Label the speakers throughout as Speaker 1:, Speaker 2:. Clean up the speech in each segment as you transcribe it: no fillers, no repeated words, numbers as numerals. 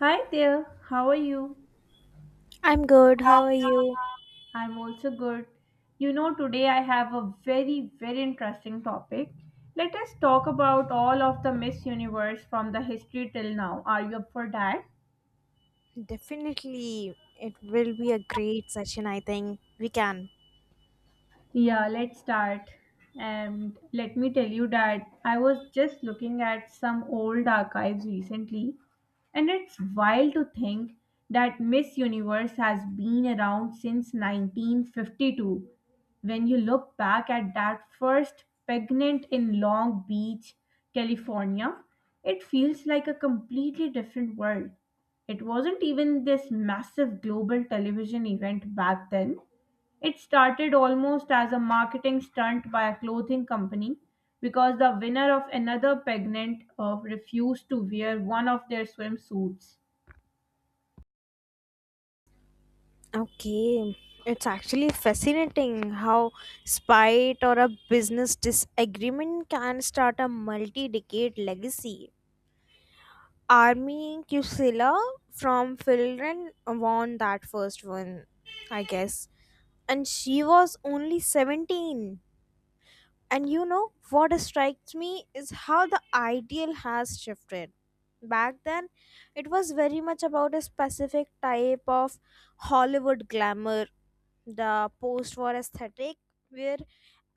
Speaker 1: Hi there, how are you?
Speaker 2: I'm good. How are you?
Speaker 1: I'm also good. Today I have a very, very interesting topic. Let us talk about all of the Miss Universe from the history till now. Are you up for that?
Speaker 2: Definitely, it will be a great session. I think we can.
Speaker 1: Yeah, let's start. And let me tell you that I was just looking at some old archives recently, and it's wild to think that Miss Universe has been around since 1952. When you look back at that first pregnant in Long Beach, California, it feels like a completely different world. It wasn't even this massive global television event back then. It started almost as a marketing stunt by a clothing company because the winner of another pageant refused to wear one of their swimsuits.
Speaker 2: Okay, it's actually fascinating how spite or a business disagreement can start a multi decade legacy. Army Kusila from Finland won that first one, I guess, and she was only 17. And you know what strikes me is how the ideal has shifted. Back then, it was very much about a specific type of Hollywood glamour, the post war aesthetic, where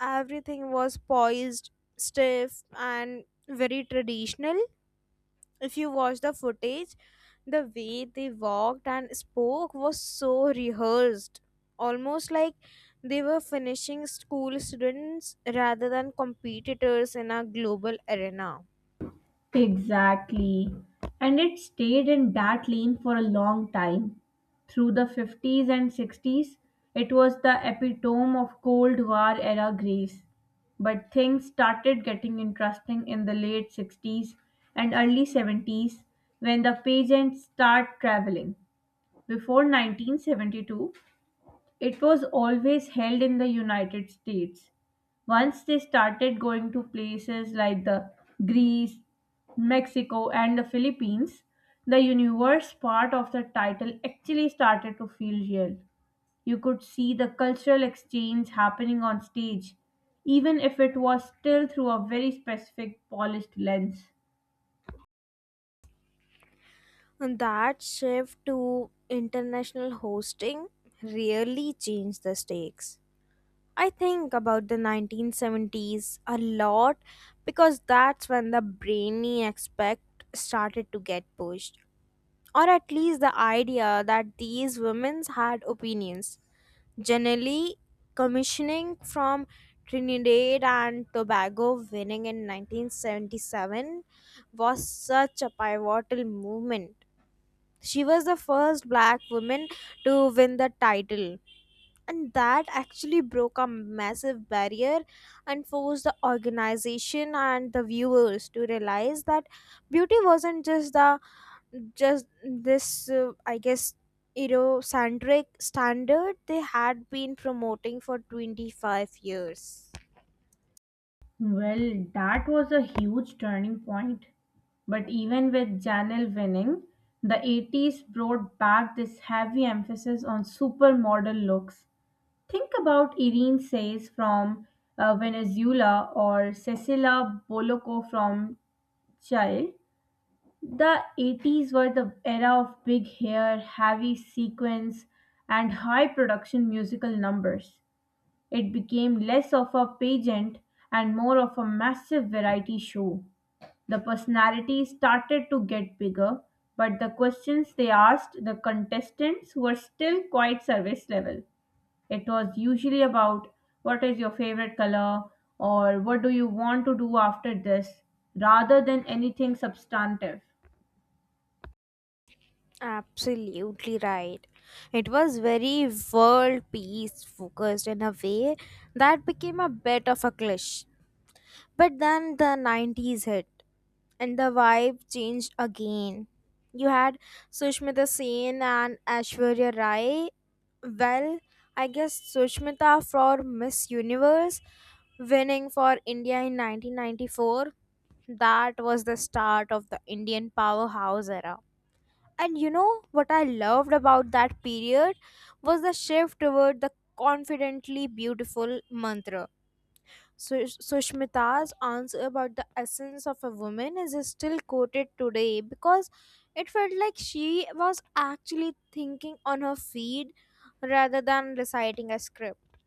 Speaker 2: everything was poised, stiff, and very traditional. If you watch the footage, the way they walked and spoke was so rehearsed, almost like they were finishing school students rather than competitors in a global arena.
Speaker 1: Exactly. And it stayed in that lane for a long time. Through the 50s and 60s, it was the epitome of Cold War era grace. But things started getting interesting in the late 60s and early 70s when the pageants start traveling. Before 1972, it was always held in the United States. Once they started going to places like the Greece, Mexico and the Philippines, the universe part of the title actually started to feel real. You could see the cultural exchange happening on stage, even if it was still through a very specific polished lens.
Speaker 2: And that shift to international hosting really changed the stakes. I think about the 1970s a lot because that's when the brainy aspect started to get pushed. Or at least the idea that these women had opinions. Generally, commissioning from Trinidad and Tobago winning in 1977 was such a pivotal movement. She was the first black woman to win the title, and that actually broke a massive barrier and forced the organization and the viewers to realize that beauty wasn't just the just this I guess eurocentric standard they had been promoting for 25 years.
Speaker 1: Well, that was a huge turning point. But even with Janelle winning, the 80s brought back this heavy emphasis on supermodel looks. Think about Irene Says from Venezuela or Cecilia Bolocco from Chile. The 80s were the era of big hair, heavy sequins, and high production musical numbers. It became less of a pageant and more of a massive variety show. The personalities started to get bigger, but the questions they asked the contestants were still quite service level. It was usually about what is your favorite color or what do you want to do after this rather than anything substantive.
Speaker 2: Absolutely right, it was very world peace focused in a way that became a bit of a cliche. But then the 90s hit and the vibe changed again. You had Sushmita Sen and Ashwarya Rai. Well, I guess Sushmita for Miss Universe winning for India in 1994. That was the start of the Indian powerhouse era. And you know what I loved about that period was the shift toward the confidently beautiful mantra. So, Sushmita's answer about the essence of a woman is still quoted today because it felt like she was actually thinking on her feet rather than reciting a script.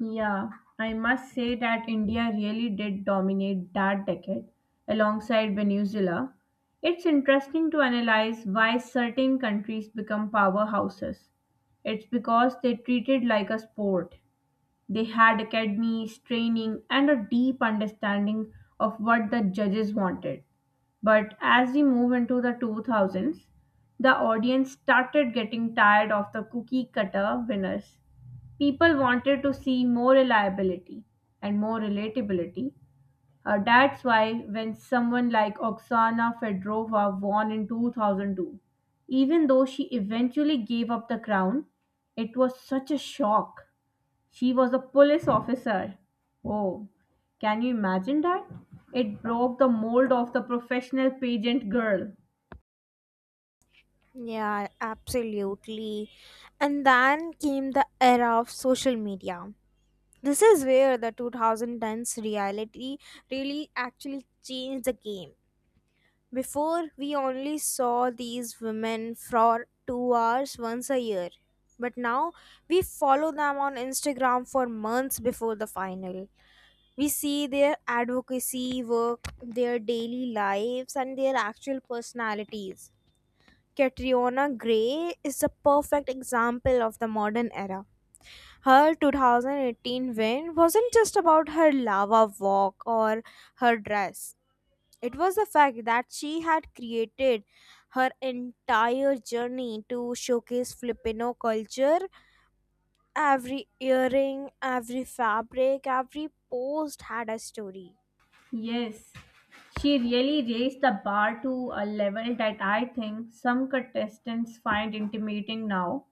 Speaker 1: Yeah, I must say that India really did dominate that decade alongside Venezuela. It's interesting to analyze why certain countries become powerhouses. It's because they treated like a sport. They had academies, training, and a deep understanding of what the judges wanted. But as we move into the 2000s, the audience started getting tired of the cookie cutter winners. People wanted to see more reliability and more relatability. That's why when someone like Oksana Fedorova won in 2002, even though she eventually gave up the crown, it was such a shock. She was a police officer. Oh, can you imagine that? It broke the mold of the professional pageant girl.
Speaker 2: Yeah, absolutely. And then came the era of social media. This is where the 2010s reality really actually changed the game. Before, we only saw these women for 2 hours once a year. But now, we follow them on Instagram for months before the final. We see their advocacy work, their daily lives, and their actual personalities. Catriona Gray is the perfect example of the modern era. Her 2018 win wasn't just about her lava walk or her dress. It was the fact that she had created her entire journey to showcase Filipino culture. Every earring, every fabric, every post had a story.
Speaker 1: Yes, she really raised the bar to a level that I think some contestants find intimidating now.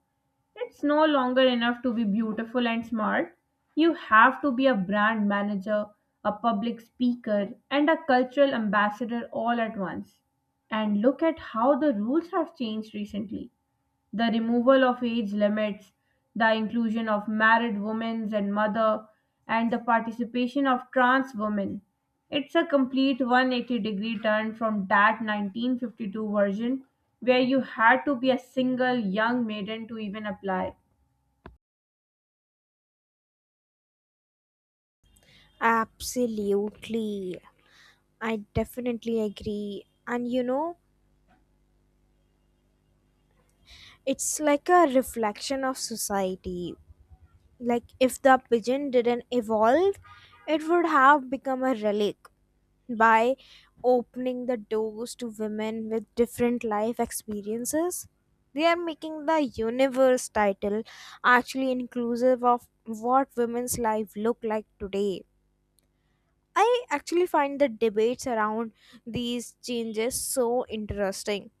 Speaker 1: It's no longer enough to be beautiful and smart. You have to be a brand manager, a public speaker, and a cultural ambassador all at once. And look at how the rules have changed recently: the removal of age limits, the inclusion of married women and mother, and the participation of trans women. It's a complete 180-degree turn from that 1952 version where you had to be a single young maiden to even apply.
Speaker 2: Absolutely. I definitely agree. And you know, it's like a reflection of society. Like, if the pigeon didn't evolve, it would have become a relic by opening the doors to women with different life experiences. They are making the universe title actually inclusive of what women's life look like today. I actually find the debates around these changes so interesting.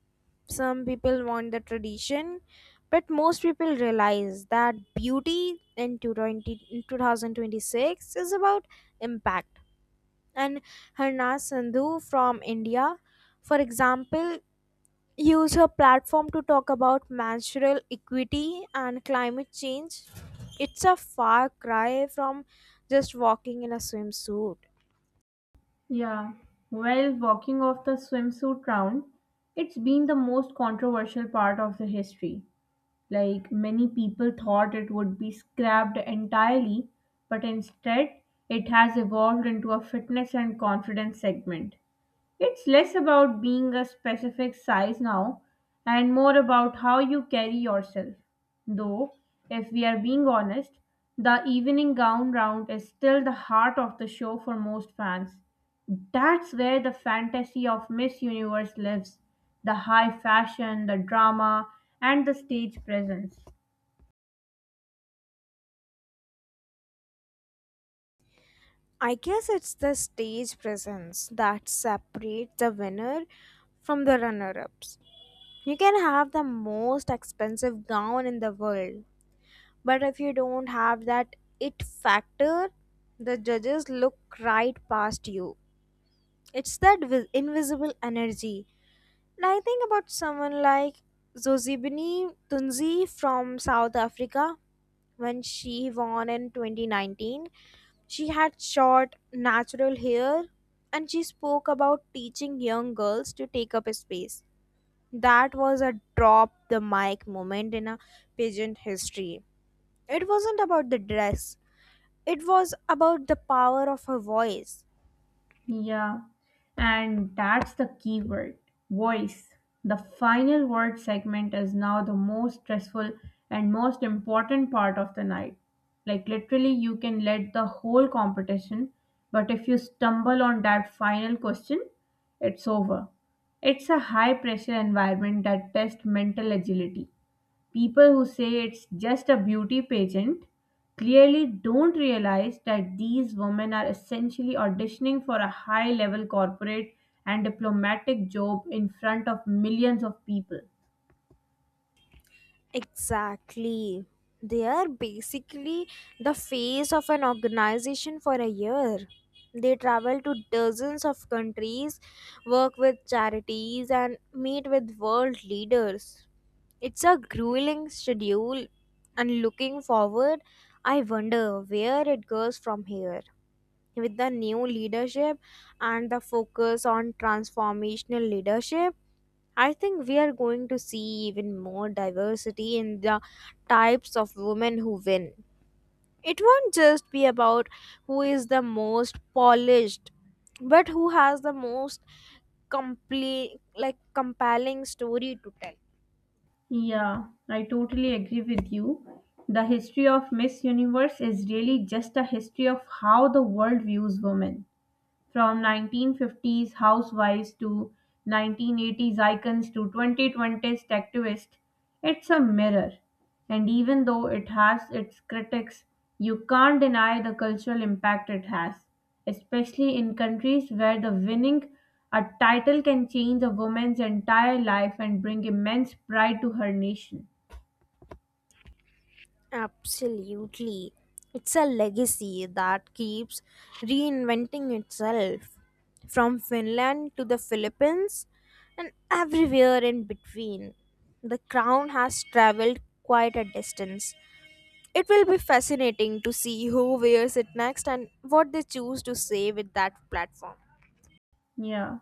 Speaker 2: Some people want the tradition, but most people realize that beauty in 2020 in 2026 is about impact, and Harnas Sandhu from India, for example, use her platform to talk about menstrual equity and climate change. It's a far cry from just walking in a swimsuit.
Speaker 1: Yeah. Well, walking off the swimsuit round, it's been the most controversial part of the history. Like many people thought it would be scrapped entirely, but instead it has evolved into a fitness and confidence segment. It's less about being a specific size now and more about how you carry yourself. Though, if we are being honest, the evening gown round is still the heart of the show for most fans. That's where the fantasy of Miss Universe lives: the high fashion, the drama, and the stage presence.
Speaker 2: I guess it's the stage presence that separates the winner from the runner ups. You can have the most expensive gown in the world, but if you don't have that it factor, the judges look right past you. It's that invisible energy. And I think about someone like Zozibini Tunzi from South Africa. When she won in 2019, she had short natural hair and she spoke about teaching young girls to take up space. That was a drop the mic moment in a pageant history. It wasn't about the dress, it was about the power of her voice.
Speaker 1: Yeah, and that's the key word: voice. The final word segment is now the most stressful and most important part of the night. Like, literally, you can let the whole competition, but if you stumble on that final question, it's over. It's a high pressure environment that tests mental agility. People who say it's just a beauty pageant clearly don't realize that these women are essentially auditioning for a high level corporate and diplomatic job in front of millions of people.
Speaker 2: Exactly. They are basically the face of an organization for a year. They travel to dozens of countries, work with charities, and meet with world leaders. It's a grueling schedule, and looking forward, I wonder where it goes from here with the new leadership and the focus on transformational leadership. I think we are going to see even more diversity in the types of women who win. It won't just be about who is the most polished, but who has the most complete, like compelling story to tell.
Speaker 1: Yeah, I totally agree with you. The history of Miss Universe is really just a history of how the world views women. From 1950s housewives to 1980s icons to 2020s activists, it's a mirror. And even though it has its critics, you can't deny the cultural impact it has, especially in countries where the winning a title can change a woman's entire life and bring immense pride to her nation.
Speaker 2: Absolutely. It's a legacy that keeps reinventing itself from Finland to the Philippines and everywhere in between. The crown has traveled quite a distance. It will be fascinating to see who wears it next and what they choose to say with that platform.
Speaker 1: Yeah.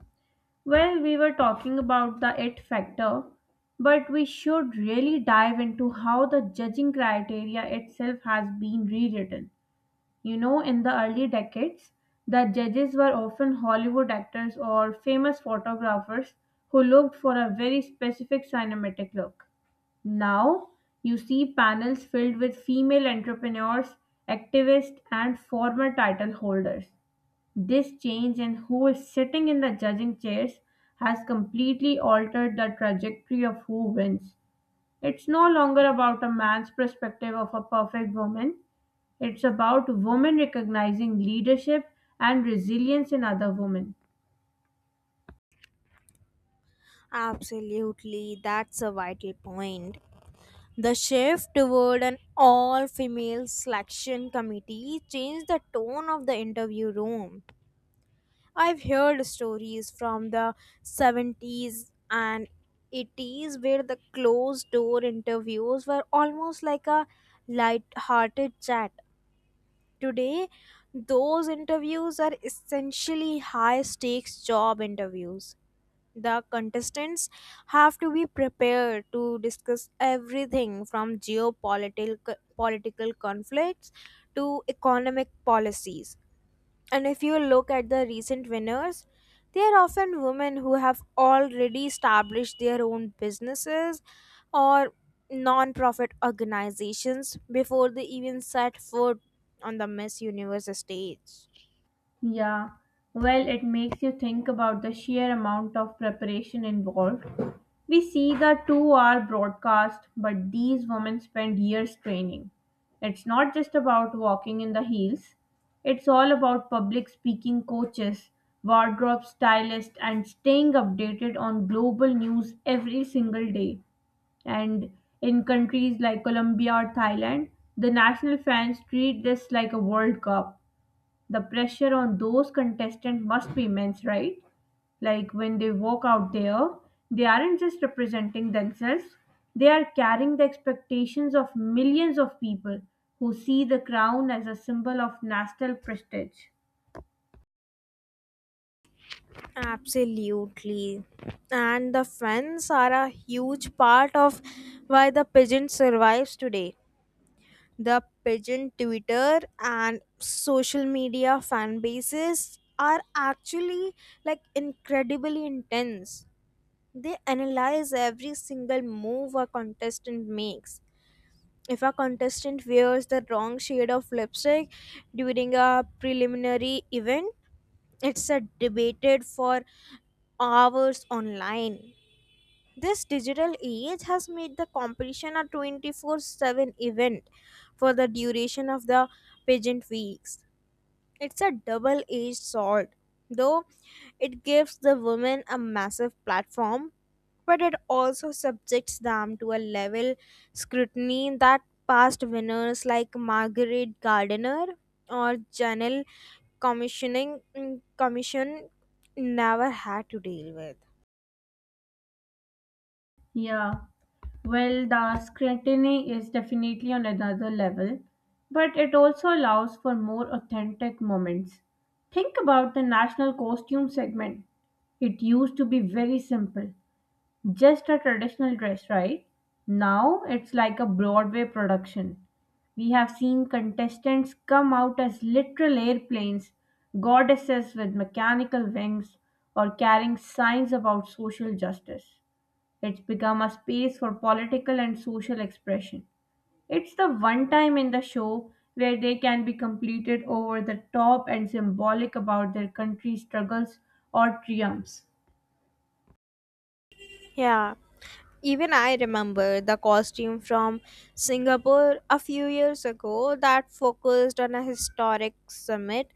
Speaker 1: Well, we were talking about the it factor, but we should really dive into how the judging criteria itself has been rewritten. You know, in the early decades, the judges were often Hollywood actors or famous photographers who looked for a very specific cinematic look. Now, you see panels filled with female entrepreneurs, activists, and former title holders. This change and who is sitting in the judging chairs has completely altered the trajectory of who wins. It's no longer about a man's perspective of a perfect woman, it's about women recognizing leadership and resilience in other women.
Speaker 2: Absolutely, that's a vital point. The shift toward an all female selection committee changed the tone of the interview room. I've heard stories from the 70s and 80s where the closed door interviews were almost like a light-hearted chat. Today, those interviews are essentially high-stakes job interviews. The contestants have to be prepared to discuss everything from geopolitical political conflicts to economic policies. And if you look at the recent winners, they are often women who have already established their own businesses or non-profit organizations before they even set foot on the Miss Universe stage.
Speaker 1: Yeah, well, it makes you think about the sheer amount of preparation involved. We see the 2-hour broadcast, but these women spend years training. It's not just about walking in the heels, it's all about public speaking coaches, wardrobe stylists, and staying updated on global news every single day. And in countries like Colombia or Thailand, the national fans treat this like a World Cup. The pressure on those contestants must be immense, right? Like when they walk out there, they aren't just representing themselves, they are carrying the expectations of millions of people who see the crown as a symbol of national prestige.
Speaker 2: Absolutely. And the fans are a huge part of why the pigeon survives today. The pigeon Twitter and social media fan bases are actually like incredibly intense. They analyze every single move a contestant makes. If a contestant wears the wrong shade of lipstick during a preliminary event, it's a debated for hours online. This digital age has made the competition a 24/7 event for the duration of the pageant weeks. It's a double-edged sword, though it gives the women a massive platform, but it also subjects them to a level scrutiny that past winners like Margaret Gardner or Janelle commission never had to deal with.
Speaker 1: Yeah. Well, the scrutiny is definitely on another level, but it also allows for more authentic moments. Think about the national costume segment. It used to be very simple, just a traditional dress, right? Now it's like a Broadway production. We have seen contestants come out as literal airplanes, goddesses with mechanical wings, or carrying signs about social justice. It's become a space for political and social expression. It's the one time in the show where they can be completed over the top and symbolic about their country's struggles or triumphs.
Speaker 2: Yeah. Even I remember the costume from Singapore a few years ago that focused on a historic summit,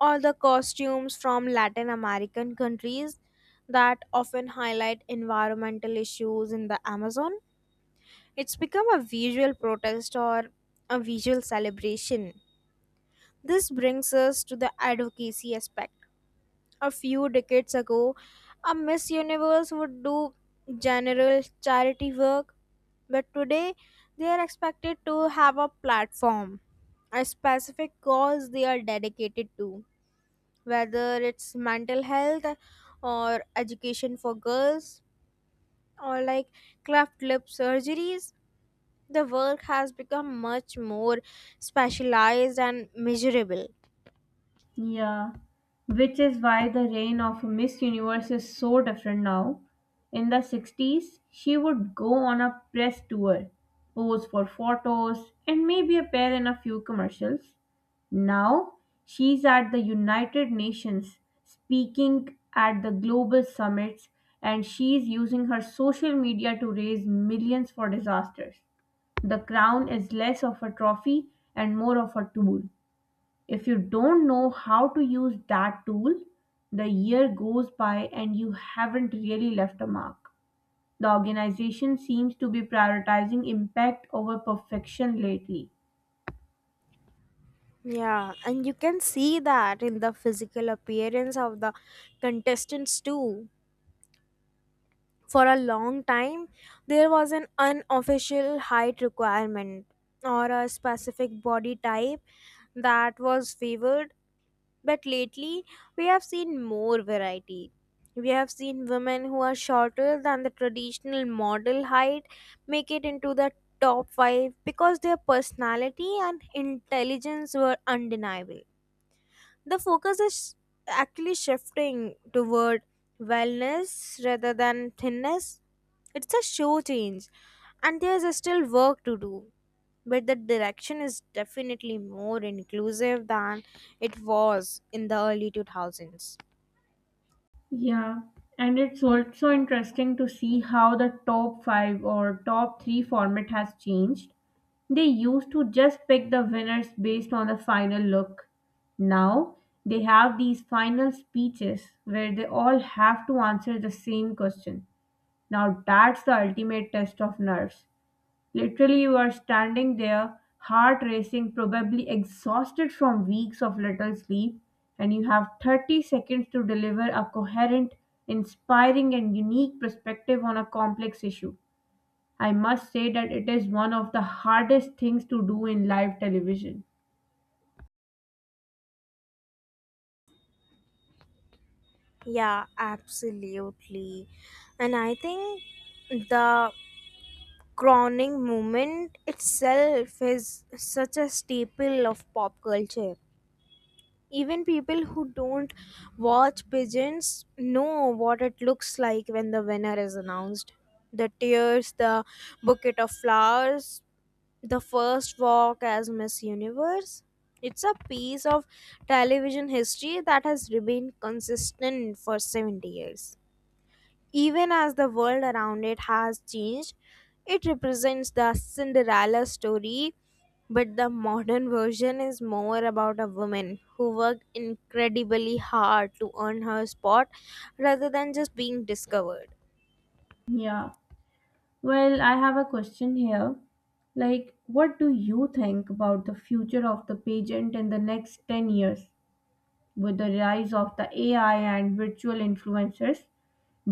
Speaker 2: or the costumes from Latin American countries that often highlight environmental issues in the Amazon. It's become a visual protest or a visual celebration. This brings us to the advocacy aspect. A few decades ago, a Miss Universe would do general charity work, but today they are expected to have a platform, a specific cause they are dedicated to, whether it's mental health or education for girls or like cleft lip surgeries. The work has become much more specialized and measurable.
Speaker 1: Yeah, which is why the reign of Miss Universe is so different now. In the 60s, she would go on a press tour, pose for photos, and maybe appear in a few commercials. Now, she's at the United Nations, speaking at the global summits, and she's using her social media to raise millions for disasters. The crown is less of a trophy and more of a tool. If you don't know how to use that tool, the year goes by and you haven't really left a mark. The organization seems to be prioritizing impact over perfection lately.
Speaker 2: Yeah, and you can see that in the physical appearance of the contestants too. For a long time there was an unofficial height requirement or a specific body type that was favored. But lately, we have seen more variety. We have seen women who are shorter than the traditional model height make it into the top 5 because their personality and intelligence were undeniable. The focus is actually shifting toward wellness rather than thinness. It's a show change, and there's still work to do. But the direction is definitely more inclusive than it was in the early 2000s.
Speaker 1: Yeah, and it's also interesting to see how the top 5 or top 3 format has changed. They used to just pick the winners based on the final look. Now, they have these final speeches where they all have to answer the same question. Now that's the ultimate test of nerves. Literally, you are standing there, heart racing, probably exhausted from weeks of little sleep, and you have 30 seconds to deliver a coherent, inspiring, and unique perspective on a complex issue. I must say that it is one of the hardest things to do in live television.
Speaker 2: Yeah, absolutely. And I think the crowning movement itself is such a staple of pop culture. Even people who don't watch pigeons know what it looks like when the winner is announced. The tears, the bouquet of flowers, the first walk as Miss Universe. It's a piece of television history that has remained consistent for 70 years. Even as the world around it has changed, it represents the Cinderella story, but the modern version is more about a woman who worked incredibly hard to earn her spot rather than just being discovered.
Speaker 1: Yeah. Well, I have a question here. Like, what do you think about the future of the pageant in the next 10 years? With the rise of the AI and virtual influencers,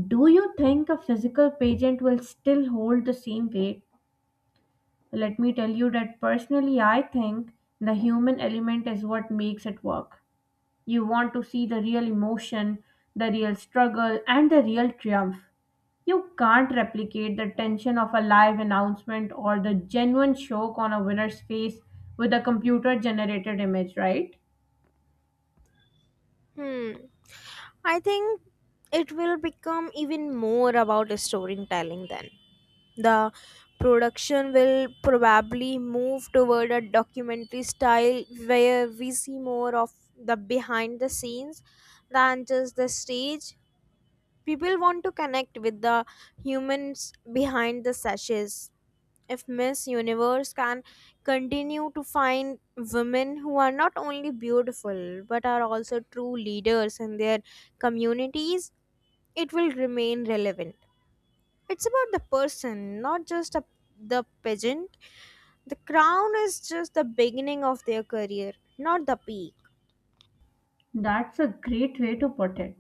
Speaker 1: do you think a physical pageant will still hold the same weight? Let me tell you that personally, I think the human element is what makes it work. You want to see the real emotion, the real struggle, and the real triumph. You can't replicate the tension of a live announcement or the genuine shock on a winner's face with a computer generated image, right?
Speaker 2: Hmm. I think it will become even more about storytelling then. The production will probably move toward a documentary style where we see more of the behind the scenes than just the stage. People want to connect with the humans behind the sashes. If Miss Universe can continue to find women who are not only beautiful but are also true leaders in their communities, it will remain relevant. It's about the person, not just a, the pageant. The crown is just the beginning of their career, not the peak.
Speaker 1: That's a great way to put it.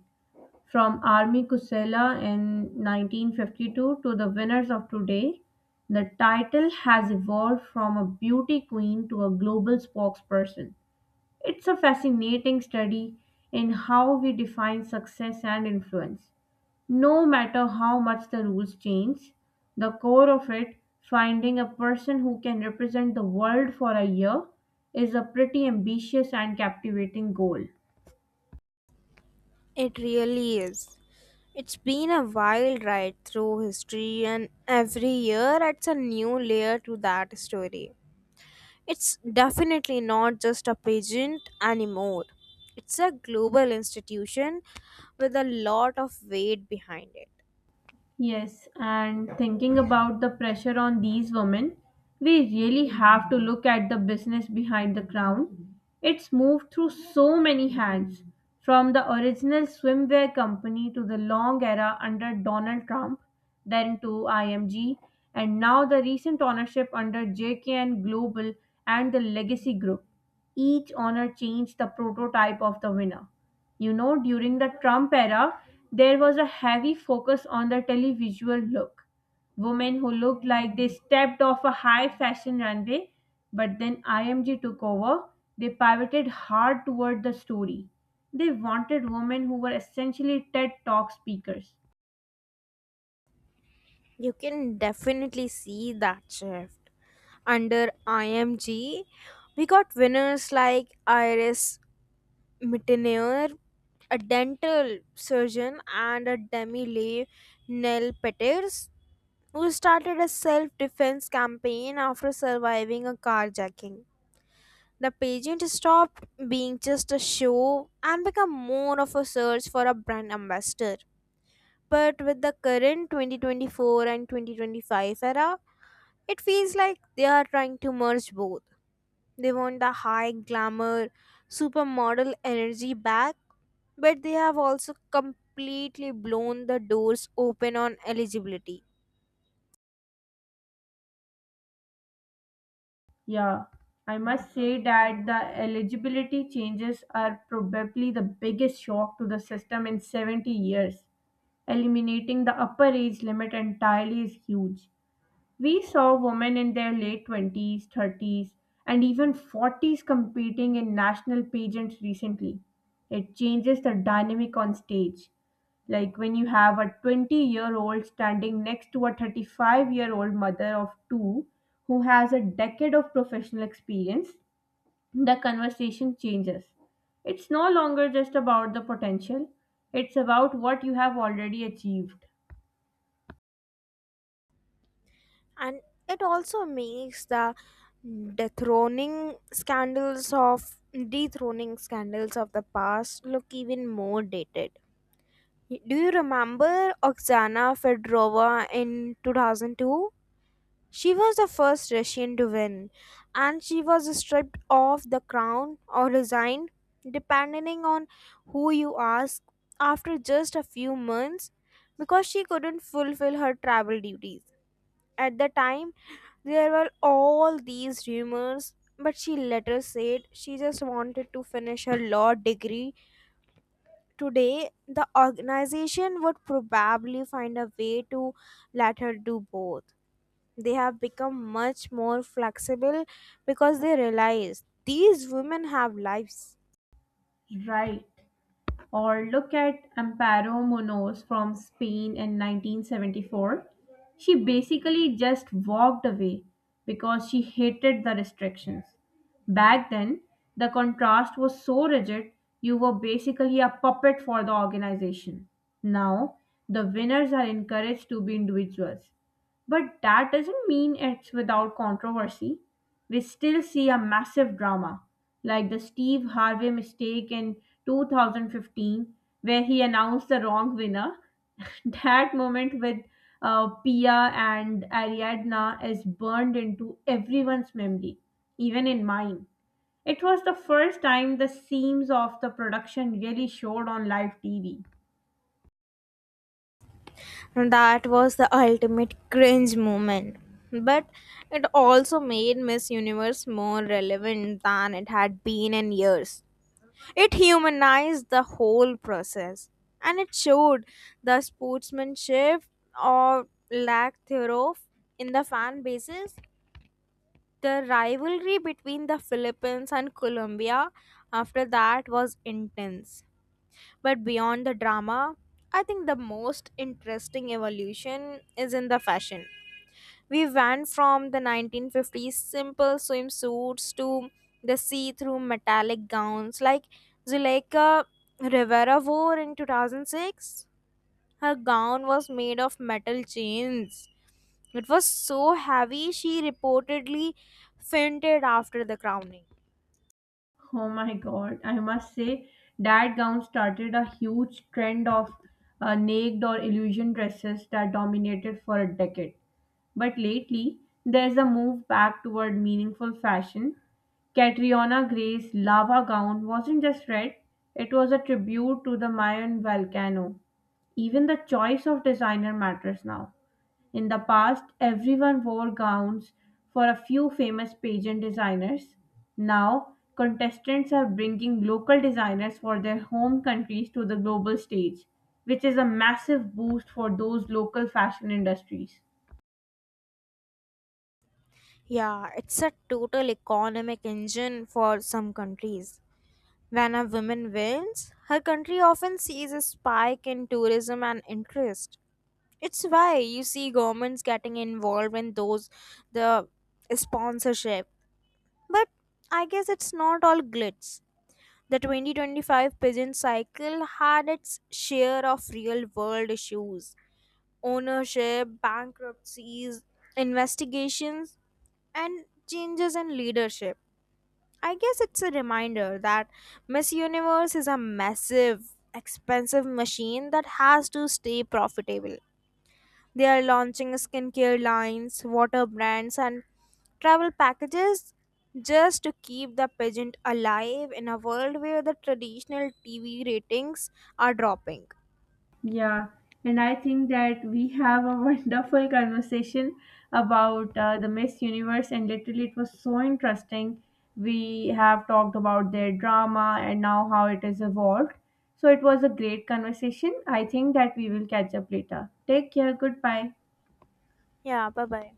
Speaker 1: From Army Kusela in 1952 to the winners of today, the title has evolved from a beauty queen to a global spokesperson. It's a fascinating study in how we define success and influence. No matter how much the rules change, the core of it, finding a person who can represent the world for a year, is a pretty ambitious and captivating goal.
Speaker 2: It really is. It's been a wild ride through history, and every year adds a new layer to that story. It's definitely not just a pageant anymore. It's a global institution with a lot of weight behind it.
Speaker 1: Yes, and thinking about the pressure on these women, we really have to look at the business behind the crown. It's moved through so many hands, from the original swimwear company to the long era under Donald Trump, then to IMG, and now the recent ownership under JKN Global and the Legacy Group. Each owner changed the prototype of the winner. You know, during the Trump era, there was a heavy focus on the televisual look. Women who looked like they stepped off a high fashion runway, but then IMG took over. They pivoted hard toward the story. They wanted women who were essentially TED Talk speakers.
Speaker 2: You can definitely see that shift. Under IMG, we got winners like Iris Mittenaer, a dental surgeon, and a demi-leave, Nell Peters, who started a self-defense campaign after surviving a carjacking. The pageant stopped being just a show and became more of a search for a brand ambassador. But with the current 2024 and 2025 era, it feels like they are trying to merge both. They want the high glamour, supermodel energy back, but they have also completely blown the doors open on eligibility.
Speaker 1: Yeah, I must say that the eligibility changes are probably the biggest shock to the system in 70 years. Eliminating the upper age limit entirely is huge. We saw women in their late 20s, 30s, and even 40s competing in national pageants recently. It changes the dynamic on stage. Like when you have a 20-year-old standing next to a 35-year-old mother of two who has a decade of professional experience, the conversation changes. It's no longer just about the potential, it's about what you have already achieved.
Speaker 2: And it also makes the dethroning scandals of dethroning scandals of the past look even more dated. Do you remember Oksana Fedorova in 2002? She was the first Russian to win, and she was stripped of the crown or resigned, depending on who you ask, after just a few months because she couldn't fulfill her travel duties. At the time, there were all these rumors, but she later said she just wanted to finish her law degree. Today, the organization would probably find a way to let her do both. They have become much more flexible because they realize these women have lives.
Speaker 1: Right. Or look at Amparo Munoz from Spain in 1974. She basically just walked away because she hated the restrictions. Back then, the contrast was so rigid, you were basically a puppet for the organization. Now, the winners are encouraged to be individuals. But that doesn't mean it's without controversy. We still see a massive drama, like the Steve Harvey mistake in 2015, where he announced the wrong winner. That moment with Pia and Ariadna is burned into everyone's memory, even in mine. It was the first time the seams of the production really showed on live TV.
Speaker 2: That was the ultimate cringe moment. But it also made Miss Universe more relevant than it had been in years. It humanized the whole process and it showed the sportsmanship or lack thereof in the fan bases. The rivalry between the Philippines and Colombia after that was intense. But beyond the drama, I think the most interesting evolution is in the fashion. We went from the 1950s simple swimsuits to the see through metallic gowns like Zuleika Rivera wore in 2006. Her gown was made of metal chains, it was so heavy, she reportedly fainted after the crowning.
Speaker 1: Oh my god, I must say that gown started a huge trend of naked or illusion dresses that dominated for a decade. But lately, there's a move back toward meaningful fashion. Catriona Gray's lava gown wasn't just red, it was a tribute to the Mayan volcano. Even the choice of designer matters now. In the past, everyone wore gowns for a few famous pageant designers. Now, contestants are bringing local designers for their home countries to the global stage, which is a massive boost for those local fashion industries.
Speaker 2: Yeah, it's a total economic engine for some countries. When a woman wins, her country often sees a spike in tourism and interest. It's why you see governments getting involved in those the sponsorship. But I guess it's not all glitz. The 2025 pageant cycle had its share of real world issues: ownership, bankruptcies, investigations, and changes in leadership. I guess it's a reminder that Miss Universe is a massive, expensive machine that has to stay profitable. They are launching skincare lines, water brands, and travel packages just to keep the pageant alive in a world where the traditional TV ratings are dropping.
Speaker 1: Yeah, and I think that we have a wonderful conversation about the Miss Universe, and literally, it was so interesting. We have talked about their drama and now how it has evolved. So, it was a great conversation. I think that we will catch up later. Take care. Goodbye.
Speaker 2: Yeah, bye bye.